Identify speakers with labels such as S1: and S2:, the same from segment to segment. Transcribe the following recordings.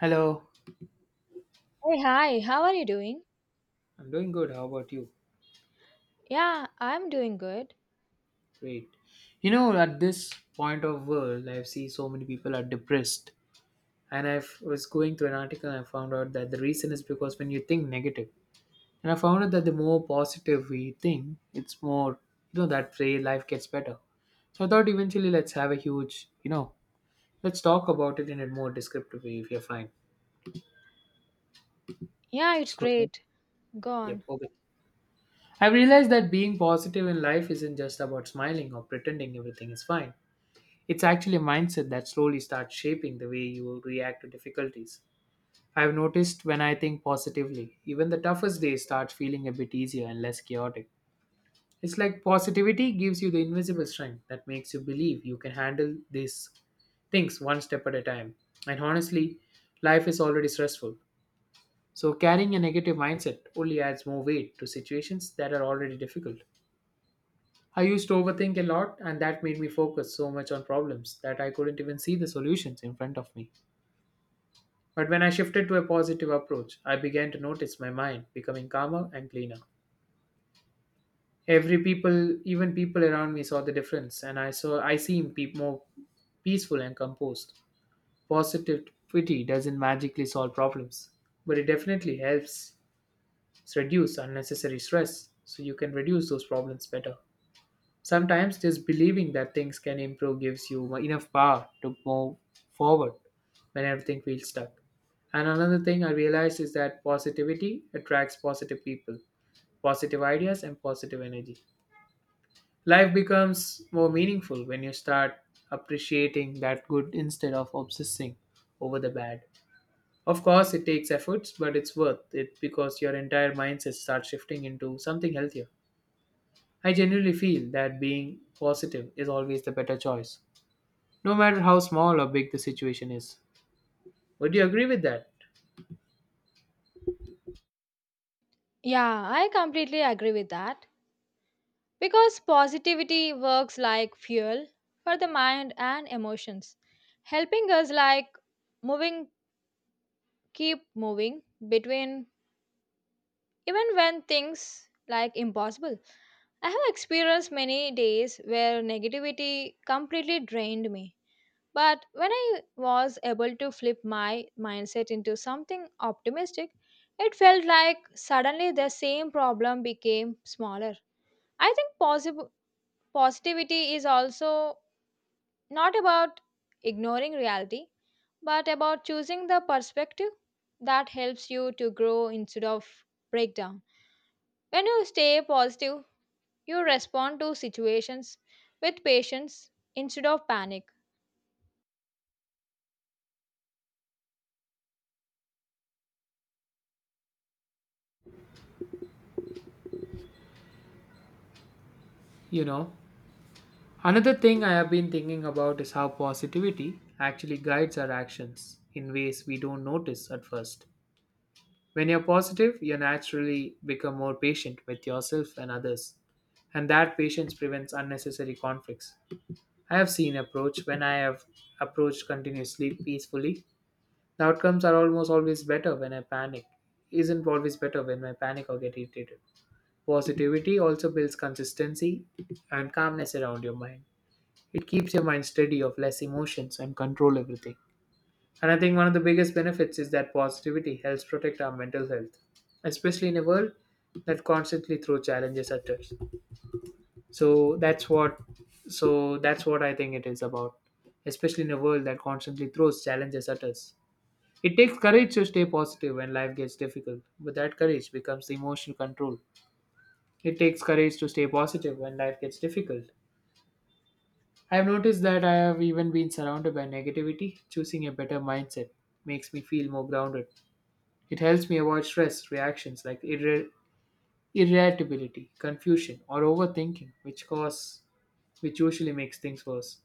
S1: Hello,
S2: Hey, hi, how are you doing?
S1: I'm doing good. How about you?
S2: Yeah, I'm doing good.
S1: Great. You know, at this point of world, I see so many people are depressed, and I was going through an article and I found out that the reason is because when you think negative, and I found out that the more positive we think, it's more that way life gets better. So I thought eventually let's have a huge let's talk about it in a more descriptive way if you're fine.
S2: Yeah, it's
S1: So
S2: great. Go
S1: yep,
S2: on.
S1: okay. I've realized that being positive in life isn't just about smiling or pretending everything is fine. It's actually a mindset that slowly starts shaping the way you react to difficulties. I've noticed when I think positively, even the toughest days start feeling a bit easier and less chaotic. It's like positivity gives you the invisible strength that makes you believe you can handle these things one step at a time. And honestly, life is already stressful. So carrying a negative mindset only adds more weight to situations that are already difficult. I used to overthink a lot, and that made me focus so much on problems that I couldn't even see the solutions in front of me. But when I shifted to a positive approach, I began to notice my mind becoming calmer and cleaner. Every people, even people around me, saw the difference, and I seemed more peaceful and composed. Positivity doesn't magically solve problems, but it definitely helps reduce unnecessary stress, so you can reduce those problems better. Sometimes just believing that things can improve gives you enough power to move forward when everything feels stuck. And another thing I realized is that positivity attracts positive people, positive ideas, and positive energy. Life becomes more meaningful when you start appreciating that good instead of obsessing over the bad. Of course, it takes efforts, but it's worth it because your entire mindset starts shifting into something healthier. I generally feel that being positive is always the better choice, no matter how small or big the situation is. Would you agree with that?
S2: Yeah, I completely agree with that. Because positivity works like fuel for the mind and emotions, helping us like moving, keep moving between even when things like impossible. I have experienced many days where negativity completely drained me. But when I was able to flip my mindset into something optimistic, it felt like suddenly the same problem became smaller. I think positivity is also not about ignoring reality, but about choosing the perspective that helps you to grow instead of breakdown. When you stay positive, you respond to situations with patience instead of panic.
S1: You know, another thing I have been thinking about is how positivity actually guides our actions in ways we don't notice at first. When you're positive, you naturally become more patient with yourself and others, and that patience prevents unnecessary conflicts. I have seen approach when I have approached continuously peacefully. The outcomes are almost always better when I panic. Isn't always better when I panic or get irritated. Positivity also builds consistency and calmness around your mind. It keeps your mind steady of less emotions and control everything. And I think one of the biggest benefits is that positivity helps protect our mental health, especially in a world that constantly throws challenges at us. So that's what so that's what I think it is about. Especially in a world that constantly throws challenges at us. It takes courage to stay positive when life gets difficult, but that courage becomes the emotional control. It takes courage to stay positive when life gets difficult. I've noticed that I have even been surrounded by negativity. Choosing a better mindset makes me feel more grounded. It helps me avoid stress reactions like irritability, confusion, or overthinking, which usually makes things worse.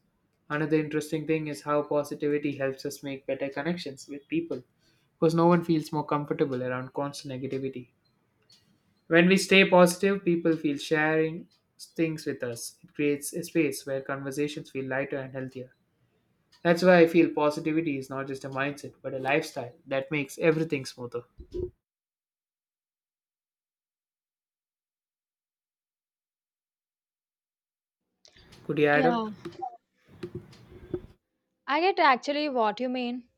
S1: Another interesting thing is how positivity helps us make better connections with people because no one feels more comfortable around constant negativity. When we stay positive, people feel sharing things with us. It creates a space where conversations feel lighter and healthier. That's why I feel positivity is not just a mindset but a lifestyle that makes everything smoother. Could you add up?
S2: Yeah, I get actually what you mean.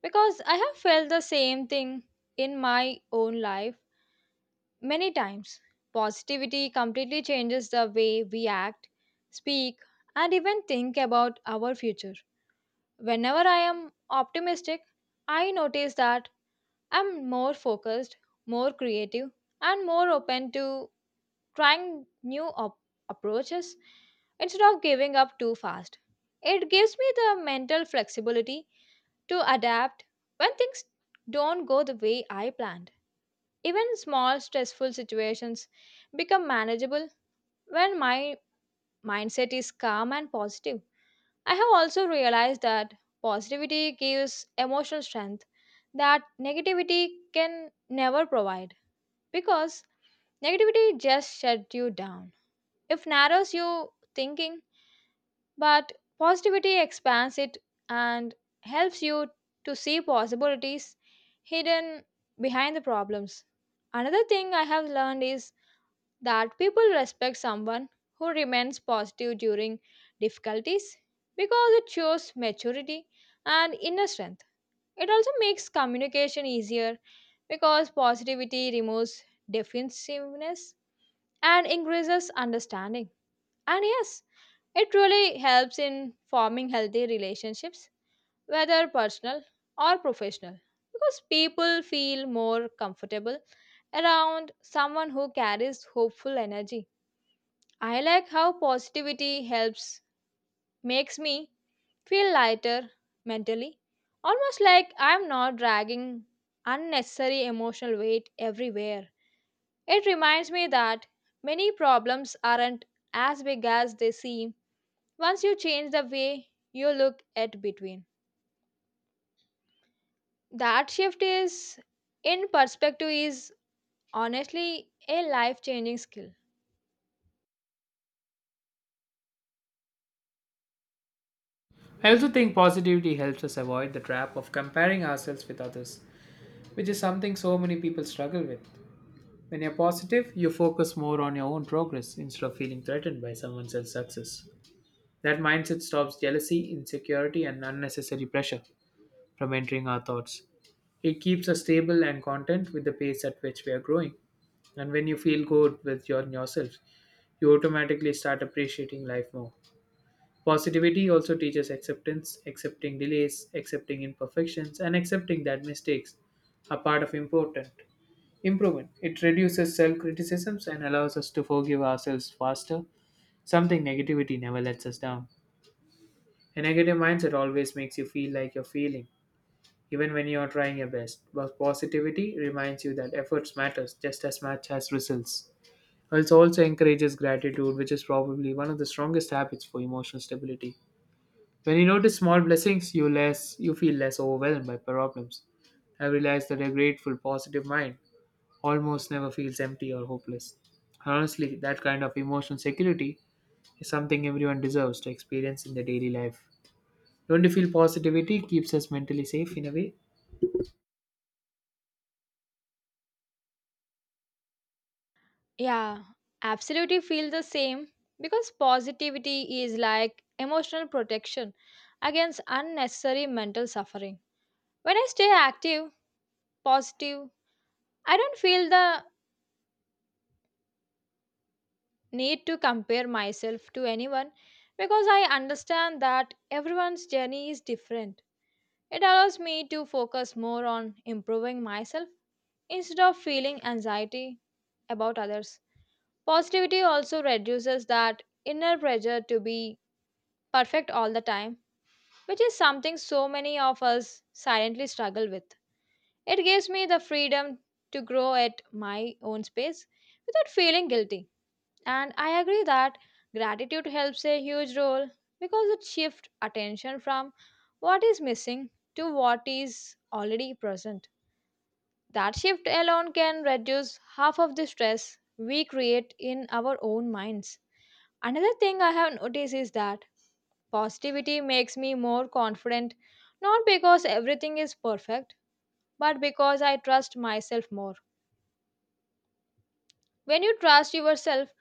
S2: Because I have felt the same thing in my own life many times. Positivity completely changes the way we act, speak, and even think about our future. Whenever I am optimistic, I notice that I'm more focused, more creative, and more open to trying approaches instead of giving up too fast. It gives me the mental flexibility to adapt when things don't go the way I planned. Even small stressful situations become manageable when my mindset is calm and positive. I have also realized that positivity gives emotional strength that negativity can never provide because negativity just shuts you down. It narrows your thinking, but positivity expands it and helps you to see possibilities hidden behind the problems. Another thing I have learned is that people respect someone who remains positive during difficulties because it shows maturity and inner strength. It also makes communication easier because positivity removes defensiveness and increases understanding. And yes, it really helps in forming healthy relationships, whether personal or professional, because people feel more comfortable around someone who carries hopeful energy. I like how positivity helps makes me feel lighter mentally, almost like I'm not dragging unnecessary emotional weight everywhere. It reminds me that many problems aren't as big as they seem once you change the way you look at between, that shift is in perspective is honestly a life changing skill.
S1: I also think positivity helps us avoid the trap of comparing ourselves with others, which is something so many people struggle with. When you're positive, you focus more on your own progress instead of feeling threatened by someone else's success. That mindset stops jealousy, insecurity, and unnecessary pressure from entering our thoughts. It keeps us stable and content with the pace at which we are growing. And when you feel good with yourself, you automatically start appreciating life more. Positivity also teaches acceptance, accepting delays, accepting imperfections, and accepting that mistakes are part of important improvement. It reduces self criticisms and allows us to forgive ourselves faster, something negativity never lets us down. A negative mindset always makes you feel like you're failing, even when you're trying your best. But positivity reminds you that efforts matters just as much as results. It also encourages gratitude, which is probably one of the strongest habits for emotional stability. When you notice small blessings, you feel less overwhelmed by problems. I realized that a grateful, positive mind almost never feels empty or hopeless. Honestly, that kind of emotional security is something everyone deserves to experience in their daily life. Don't you feel positivity keeps us mentally safe in a way?
S2: Yeah, absolutely feel the same because positivity is like emotional protection against unnecessary mental suffering. When I stay active positive, I don't feel the need to compare myself to anyone because I understand that everyone's journey is different. It allows me to focus more on improving myself instead of feeling anxiety about others. Positivity also reduces that inner pressure to be perfect all the time, which is something so many of us silently struggle with. It gives me the freedom to grow at my own space without feeling guilty. And I agree that gratitude helps a huge role because it shifts attention from what is missing to what is already present. That shift alone can reduce half of the stress we create in our own minds. Another thing I have noticed is that positivity makes me more confident, not because everything is perfect, but because I trust myself more. When you trust yourself,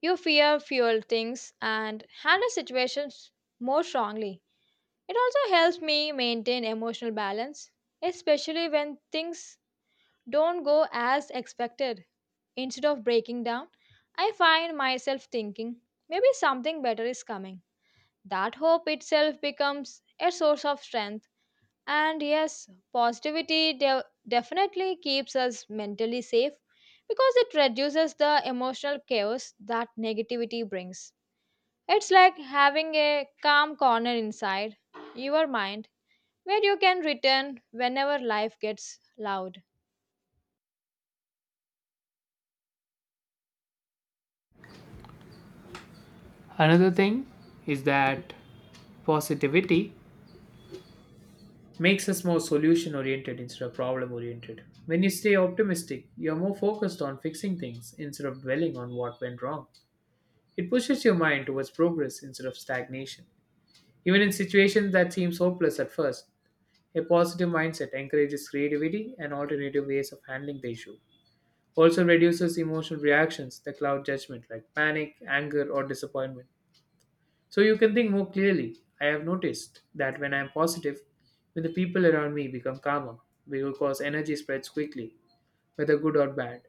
S2: you fear fewer things and handle situations more strongly. It also helps me maintain emotional balance, especially when things don't go as expected. Instead of breaking down, I find myself thinking, maybe something better is coming. That hope itself becomes a source of strength. And yes, positivity definitely keeps us mentally safe because it reduces the emotional chaos that negativity brings. It's like having a calm corner inside your mind where you can return whenever life gets loud.
S1: Another thing is that positivity makes us more solution oriented instead of problem oriented. When you stay optimistic, you're more focused on fixing things instead of dwelling on what went wrong. It pushes your mind towards progress instead of stagnation. Even in situations that seem hopeless at first, a positive mindset encourages creativity and alternative ways of handling the issue. Also reduces emotional reactions that cloud judgment like panic, anger, or disappointment. So you can think more clearly. I have noticed that when I am positive, when the people around me become calmer, because energy spreads quickly, whether good or bad.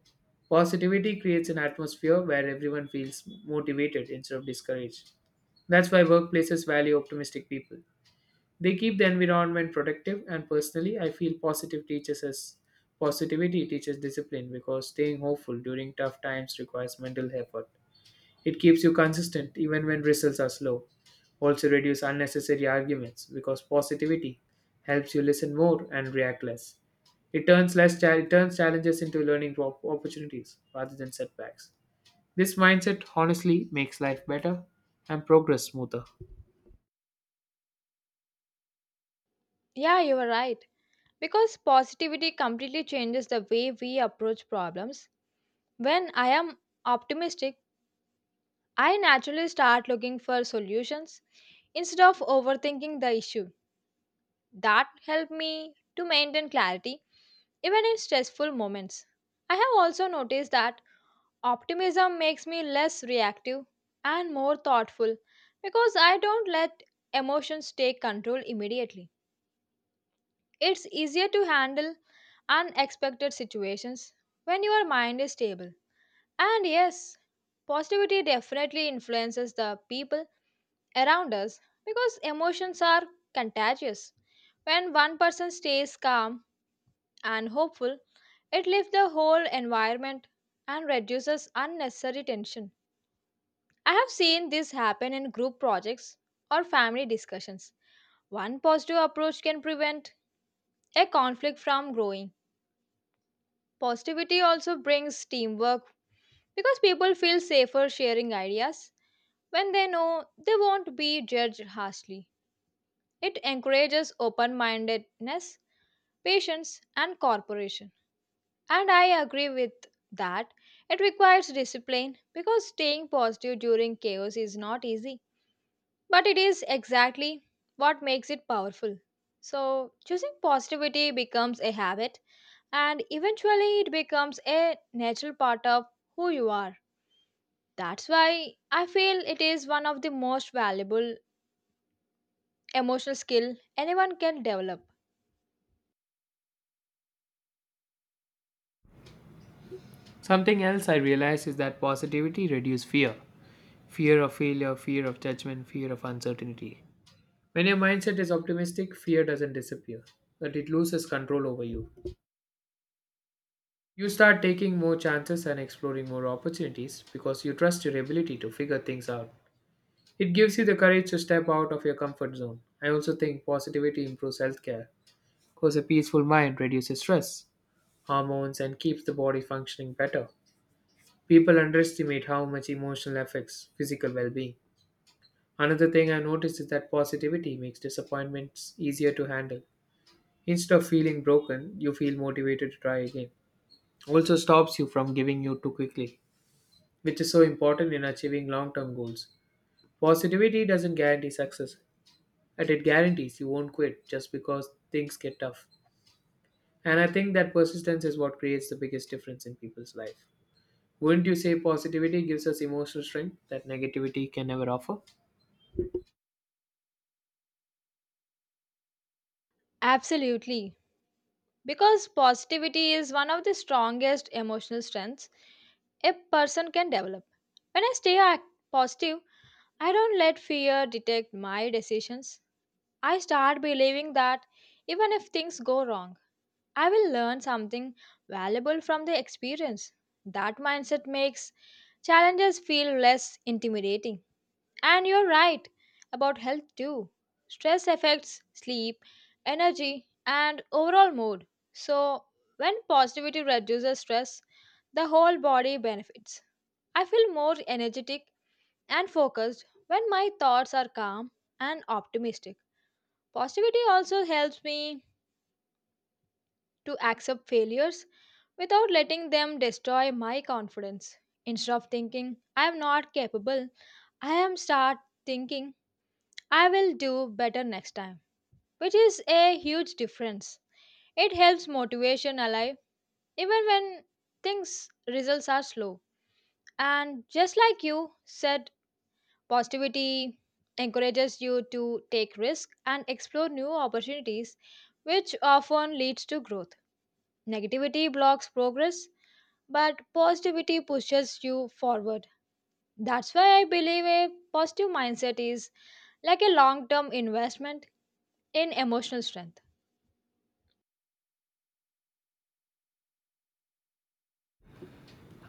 S1: Positivity creates an atmosphere where everyone feels motivated instead of discouraged. That's why workplaces value optimistic people. They keep the environment protective, and personally, I feel positive teaches us positivity teaches discipline because staying hopeful during tough times requires mental effort. It keeps you consistent even when results are slow. Also, reduce unnecessary arguments because positivity helps you listen more and react less. It turns challenges into learning opportunities rather than setbacks. This mindset honestly makes life better and progress smoother.
S2: Yeah, you are right, because positivity completely changes the way we approach problems. When I am optimistic, I naturally start looking for solutions instead of overthinking the issue. That helped me to maintain clarity even in stressful moments. I have also noticed that optimism makes me less reactive and more thoughtful because I don't let emotions take control immediately. It's easier to handle unexpected situations when your mind is stable. And yes, positivity definitely influences the people around us because emotions are contagious. When one person stays calm and hopeful, it lifts the whole environment and reduces unnecessary tension. I have seen this happen in group projects or family discussions. One positive approach can prevent a conflict from growing. Positivity also brings teamwork because people feel safer sharing ideas when they know they won't be judged harshly. It encourages open mindedness, patience, and cooperation. And I agree with that. It requires discipline because staying positive during chaos is not easy, but it is exactly what makes it powerful. So, choosing positivity becomes a habit, and eventually, it becomes a natural part of who you are. That's why I feel it is one of the most valuable emotional skill anyone can develop.
S1: Something else I realized is that positivity reduces fear of failure, fear of judgment, fear of uncertainty. When your mindset is optimistic, fear doesn't disappear, but it loses control over you. You start taking more chances and exploring more opportunities because you trust your ability to figure things out. It gives you the courage to step out of your comfort zone. I also think positivity improves healthcare because a peaceful mind reduces stress, hormones, and keeps the body functioning better. People underestimate how much emotional affects physical well being. Another thing I noticed is that positivity makes disappointments easier to handle. Instead of feeling broken, you feel motivated to try again. Also stops you from giving you too quickly, which is so important in achieving long term goals. Positivity doesn't guarantee success, but it guarantees you won't quit just because things get tough. And I think that persistence is what creates the biggest difference in people's life. Wouldn't you say positivity gives us emotional strength that negativity can never offer?
S2: Absolutely. Because positivity is one of the strongest emotional strengths a person can develop. When I positive, I don't let fear dictate my decisions. I start believing that even if things go wrong, I will learn something valuable from the experience. That mindset makes challenges feel less intimidating. And you're right about health too. Stress affects sleep, energy, and overall mood. So, when positivity reduces stress, the whole body benefits. I feel more energetic and focused when my thoughts are calm and optimistic. Positivity also helps me to accept failures without letting them destroy my confidence. Instead of thinking, I am not capable, I am start thinking I will do better next time, which is a huge difference. It helps motivation alive even when things results are slow. And just like you said, positivity encourages you to take risk and explore new opportunities, which often leads to growth. Negativity blocks progress, but positivity pushes you forward. That's why I believe a positive mindset is like a long-term investment in emotional strength.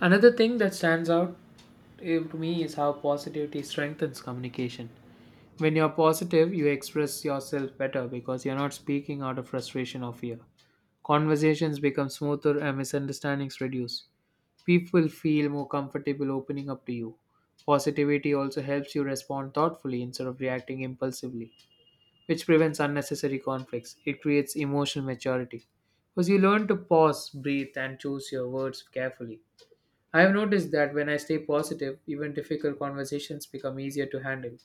S1: Another thing that stands out to me is how positivity strengthens communication. When you're positive, you express yourself better because you're not speaking out of frustration or fear. Conversations become smoother and misunderstandings reduce. People feel more comfortable opening up to you. Positivity also helps you respond thoughtfully instead of reacting impulsively, which prevents unnecessary conflicts. It creates emotional maturity because you learn to pause, breathe, and choose your words carefully. I have noticed that when I stay positive, even difficult conversations become easier to handle.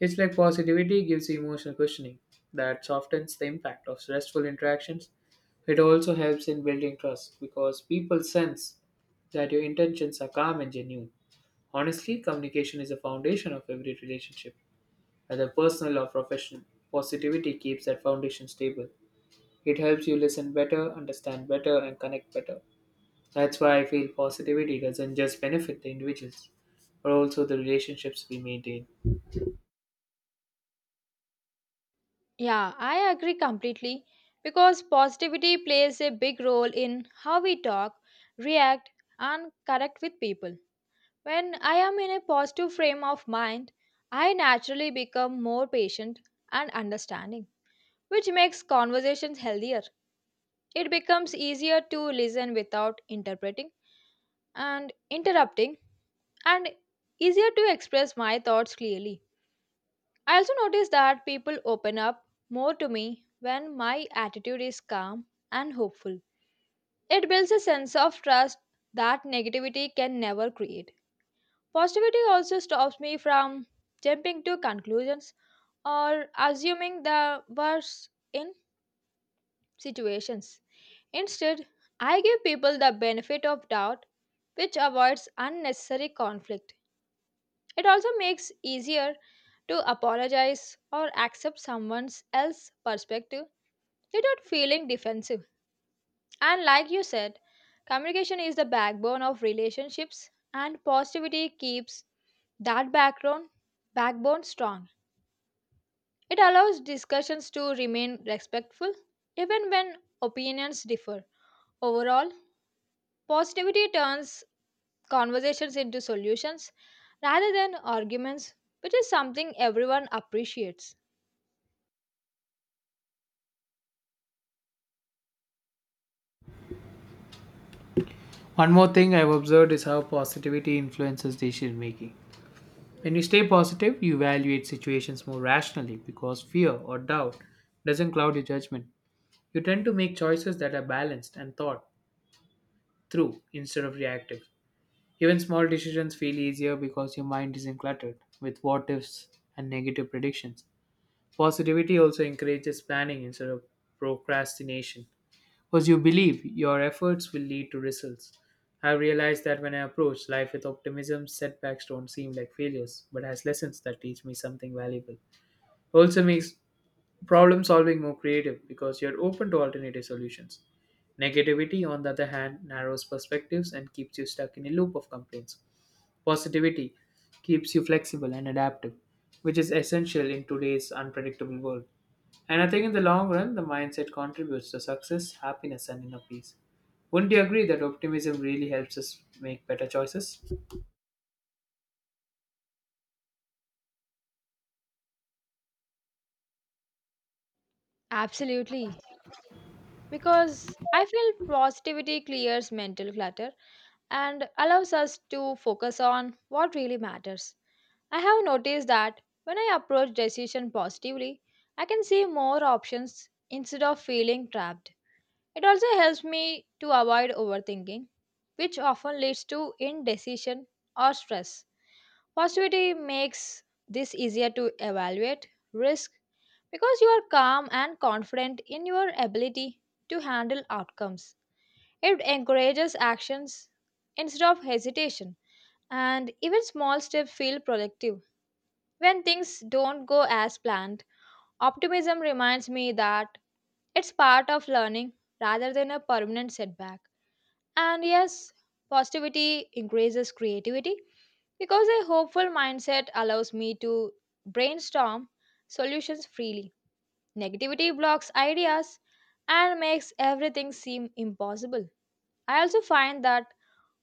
S1: It's like positivity gives you emotional cushioning that softens the impact of stressful interactions. It also helps in building trust because people sense that your intentions are calm and genuine. Honestly, communication is the foundation of every relationship whether personal or professional. Positivity keeps that foundation stable. It helps you listen better, understand better, and connect better. That's why I feel positivity doesn't just benefit the individuals, but also the relationships we maintain.
S2: Yeah, I agree completely because positivity plays a big role in how we talk, react, and connect with people. When I am in a positive frame of mind, I naturally become more patient and understanding, which makes conversations healthier. It becomes easier to listen without interpreting and interrupting, and easier to express my thoughts clearly. I also notice that people open up more to me when my attitude is calm and hopeful. It builds a sense of trust that negativity can never create. Positivity also stops me from jumping to conclusions or assuming the worst in situations. Instead, I give people the benefit of doubt, which avoids unnecessary conflict. It also makes easier to apologize or accept someone else's perspective without feeling defensive. And like you said, communication is the backbone of relationships and positivity keeps that background backbone strong. It allows discussions to remain respectful even when opinions differ. Overall, positivity turns conversations into solutions rather than arguments, which is something everyone appreciates.
S1: One more thing I've observed is how positivity influences decision making. When you stay positive, you evaluate situations more rationally because fear or doubt doesn't cloud your judgment. You tend to make choices that are balanced and thought through instead of reactive. Even small decisions feel easier because your mind isn't cluttered with what ifs and negative predictions. Positivity also encourages planning instead of procrastination because you believe your efforts will lead to results. I've realized that when I approach life with optimism, setbacks don't seem like failures, but as lessons that teach me something valuable. Also makes problem solving more creative because you're open to alternative solutions. Negativity, on the other hand, narrows perspectives and keeps you stuck in a loop of complaints. Positivity keeps you flexible and adaptive, which is essential in today's unpredictable world. And I think in the long run, the mindset contributes to success, happiness, and inner peace. Wouldn't you agree that optimism really helps us make better choices?
S2: Absolutely. Because I feel positivity clears mental clutter and allows us to focus on what really matters. I have noticed that when I approach decision positively, I can see more options instead of feeling trapped. It also helps me to avoid overthinking, which often leads to indecision or stress. Positivity makes this easier to evaluate risk because you are calm and confident in your ability to handle outcomes. It encourages actions instead of hesitation, and even small steps feel productive. When things don't go as planned, optimism reminds me that it's part of learning rather than a permanent setback. And yes, positivity increases creativity because a hopeful mindset allows me to brainstorm solutions freely. Negativity blocks ideas and makes everything seem impossible. I also find that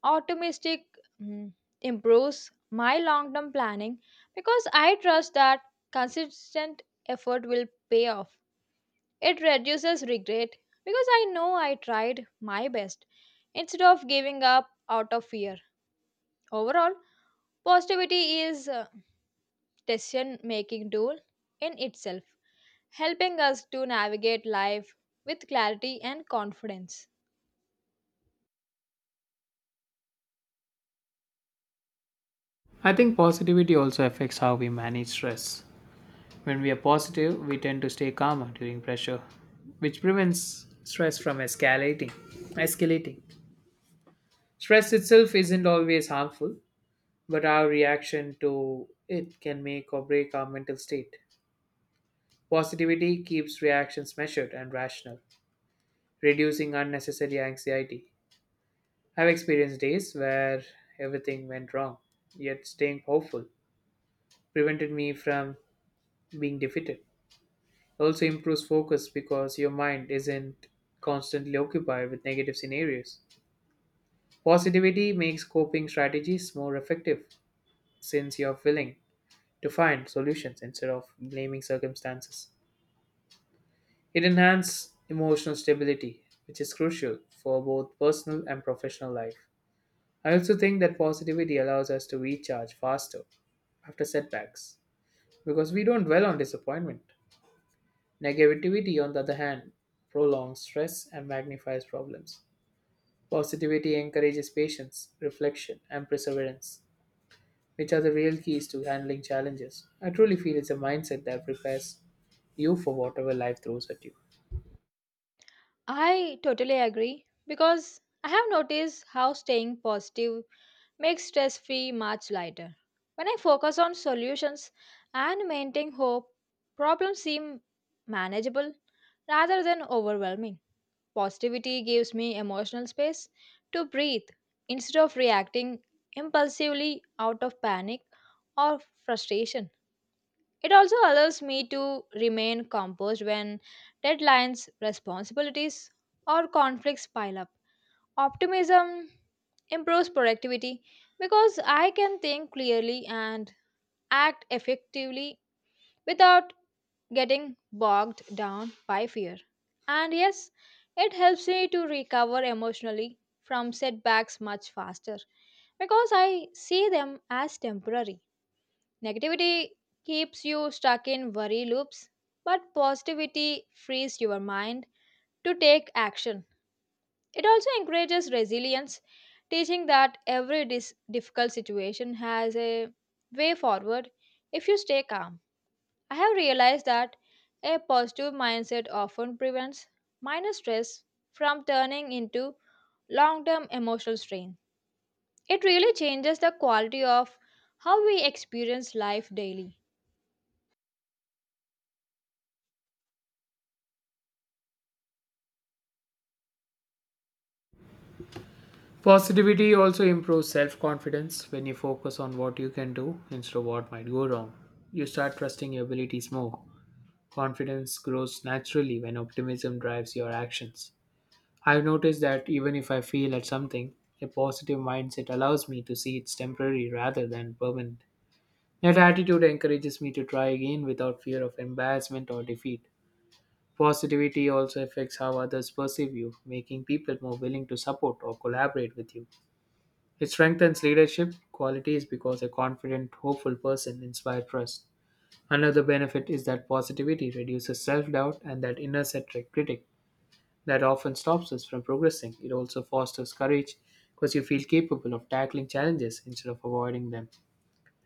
S2: optimistic mm, improves my long term planning because I trust that consistent effort will pay off. It reduces regret because I know I tried my best instead of giving up out of fear. Overall, positivity is decision making tool in itself, helping us to navigate life with clarity and confidence.
S1: I think positivity also affects how we manage stress. When we are positive, we tend to stay calmer during pressure, which prevents stress from escalating. Escalating. Stress itself isn't always harmful, but our reaction to it can make or break our mental state. Positivity keeps reactions measured and rational, reducing unnecessary anxiety. I've experienced days where everything went wrong, yet staying hopeful prevented me from being defeated. Also improves focus because your mind isn't constantly occupied with negative scenarios. Positivity makes coping strategies more effective since you're willing to find solutions instead of blaming circumstances. It enhances emotional stability, which is crucial for both personal and professional life. I also think that positivity allows us to recharge faster after setbacks because we don't dwell on disappointment. Negativity, on the other hand, prolongs stress and magnifies problems. Positivity encourages patience, reflection, and perseverance, which are the real keys to handling challenges. I truly feel it's a mindset that prepares you for whatever life throws at you.
S2: I totally agree because I have noticed how staying positive makes stress free much lighter. When I focus on solutions and maintain hope, problems seem manageable rather than overwhelming. Positivity gives me emotional space to breathe instead of reacting impulsively out of panic or frustration. It also allows me to remain composed when deadlines, responsibilities, or conflicts pile up. Optimism improves productivity because I can think clearly and act effectively without getting bogged down by fear. And yes, it helps me to recover emotionally from setbacks much faster because I see them as temporary. Negativity keeps you stuck in worry loops, but positivity frees your mind to take action. It also encourages resilience, teaching that every difficult situation has a way forward if you stay calm. I have realized that a positive mindset often prevents minor stress from turning into long term emotional strain. It really changes the quality of how we experience life daily.
S1: Positivity also improves self confidence when you focus on what you can do instead of what might go wrong. You start trusting your abilities more. Confidence grows naturally when optimism drives your actions. I've noticed that even if I fail at something, a positive mindset allows me to see it's temporary rather than permanent. That attitude encourages me to try again without fear of embarrassment or defeat. Positivity also affects how others perceive you, making people more willing to support or collaborate with you. It strengthens leadership qualities because a confident, hopeful person inspires trust. Another benefit is that positivity reduces self doubt and that inner centric critic that often stops us from progressing. It also fosters courage because you feel capable of tackling challenges instead of avoiding them.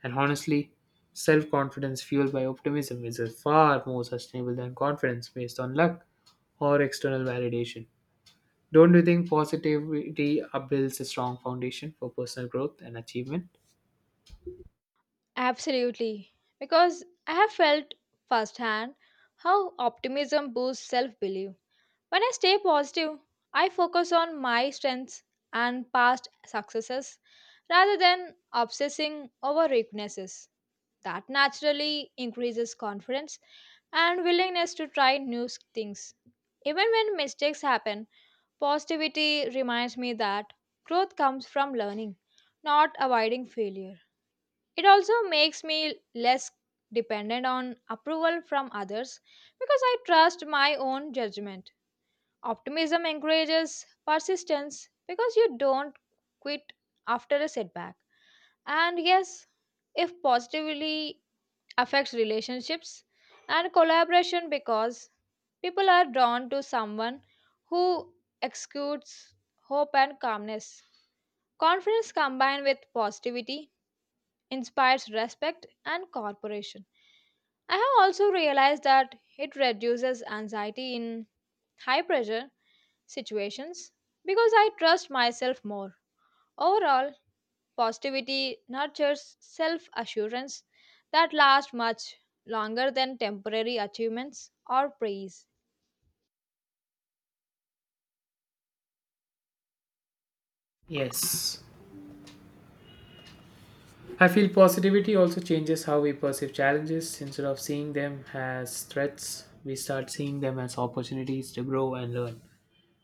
S1: And honestly, self confidence fueled by optimism is a far more sustainable than confidence based on luck or external validation. Don't you think positivity builds a strong foundation for personal growth and achievement?
S2: Absolutely, because I have felt firsthand how optimism boosts self belief. When I stay positive, I focus on my strengths and past successes rather than obsessing over weaknesses. That naturally increases confidence and willingness to try things. Even when mistakes happen, positivity reminds me that growth comes from learning, not avoiding failure. It also makes me less dependent on approval from others because I trust my own judgment. Optimism encourages persistence because you don't quit after a setback. And yes, if positively affects relationships and collaboration because people are drawn to someone who exudes hope and calmness. Confidence combined with positivity inspires respect and cooperation. I have also realized that it reduces anxiety in high pressure situations because I trust myself more. Overall, positivity nurtures self assurance that lasts much longer than temporary achievements or praise.
S1: Yes. I feel positivity also changes how we perceive challenges. Instead of seeing them as threats, we start seeing them as opportunities to grow and learn.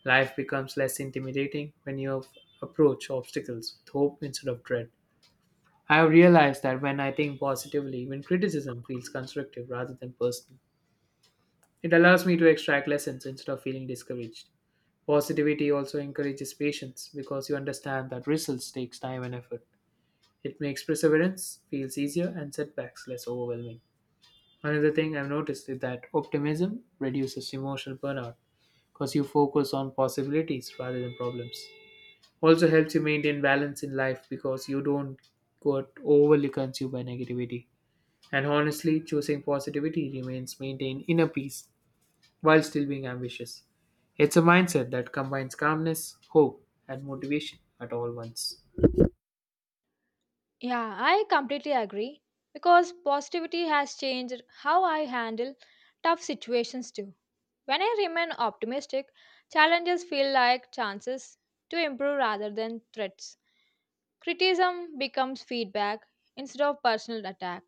S1: Life becomes less intimidating when approach obstacles with hope instead of dread. I have realized that when I think positively, even criticism feels constructive rather than personal. It allows me to extract lessons instead of feeling discouraged. Positivity also encourages patience because you understand that results takes time and effort. It makes perseverance feels easier and setbacks less overwhelming. Another thing I've noticed is that optimism reduces emotional burnout because you focus on possibilities rather than problems. Also helps you maintain balance in life because you don't get overly consumed by negativity. And honestly, choosing positivity remains maintain inner peace while still being ambitious. It's a mindset that combines calmness, hope, and motivation at all once.
S2: Yeah, I completely agree because positivity has changed how I handle tough situations too. When I remain optimistic, challenges feel like chances to improve rather than threats. Criticism becomes feedback instead of personal attack,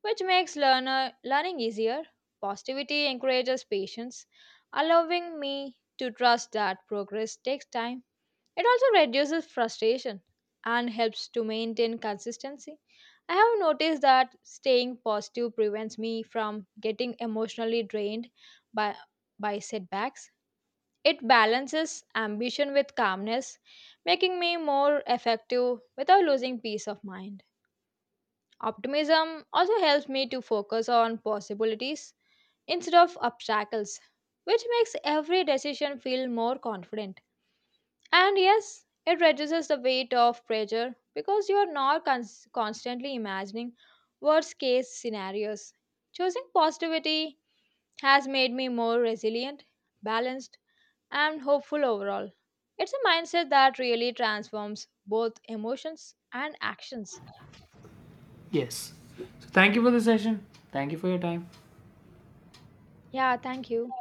S2: which makes learner learning easier. Positivity encourages patience, allowing me to trust that progress takes time. It also reduces frustration and helps to maintain consistency. I have noticed that staying positive prevents me from getting emotionally drained by, by setbacks. It balances ambition with calmness, making me more effective without losing peace of mind. Optimism also helps me to focus on possibilities instead of obstacles, which makes every decision feel more confident. And yes, it reduces the weight of pressure because you are not constantly imagining worst case scenarios. Choosing positivity has made me more resilient, balanced, and hopeful overall. It's a mindset that really transforms both emotions and actions.
S1: Yes. So thank you for the session. Thank you for your time.
S2: Yeah, thank you.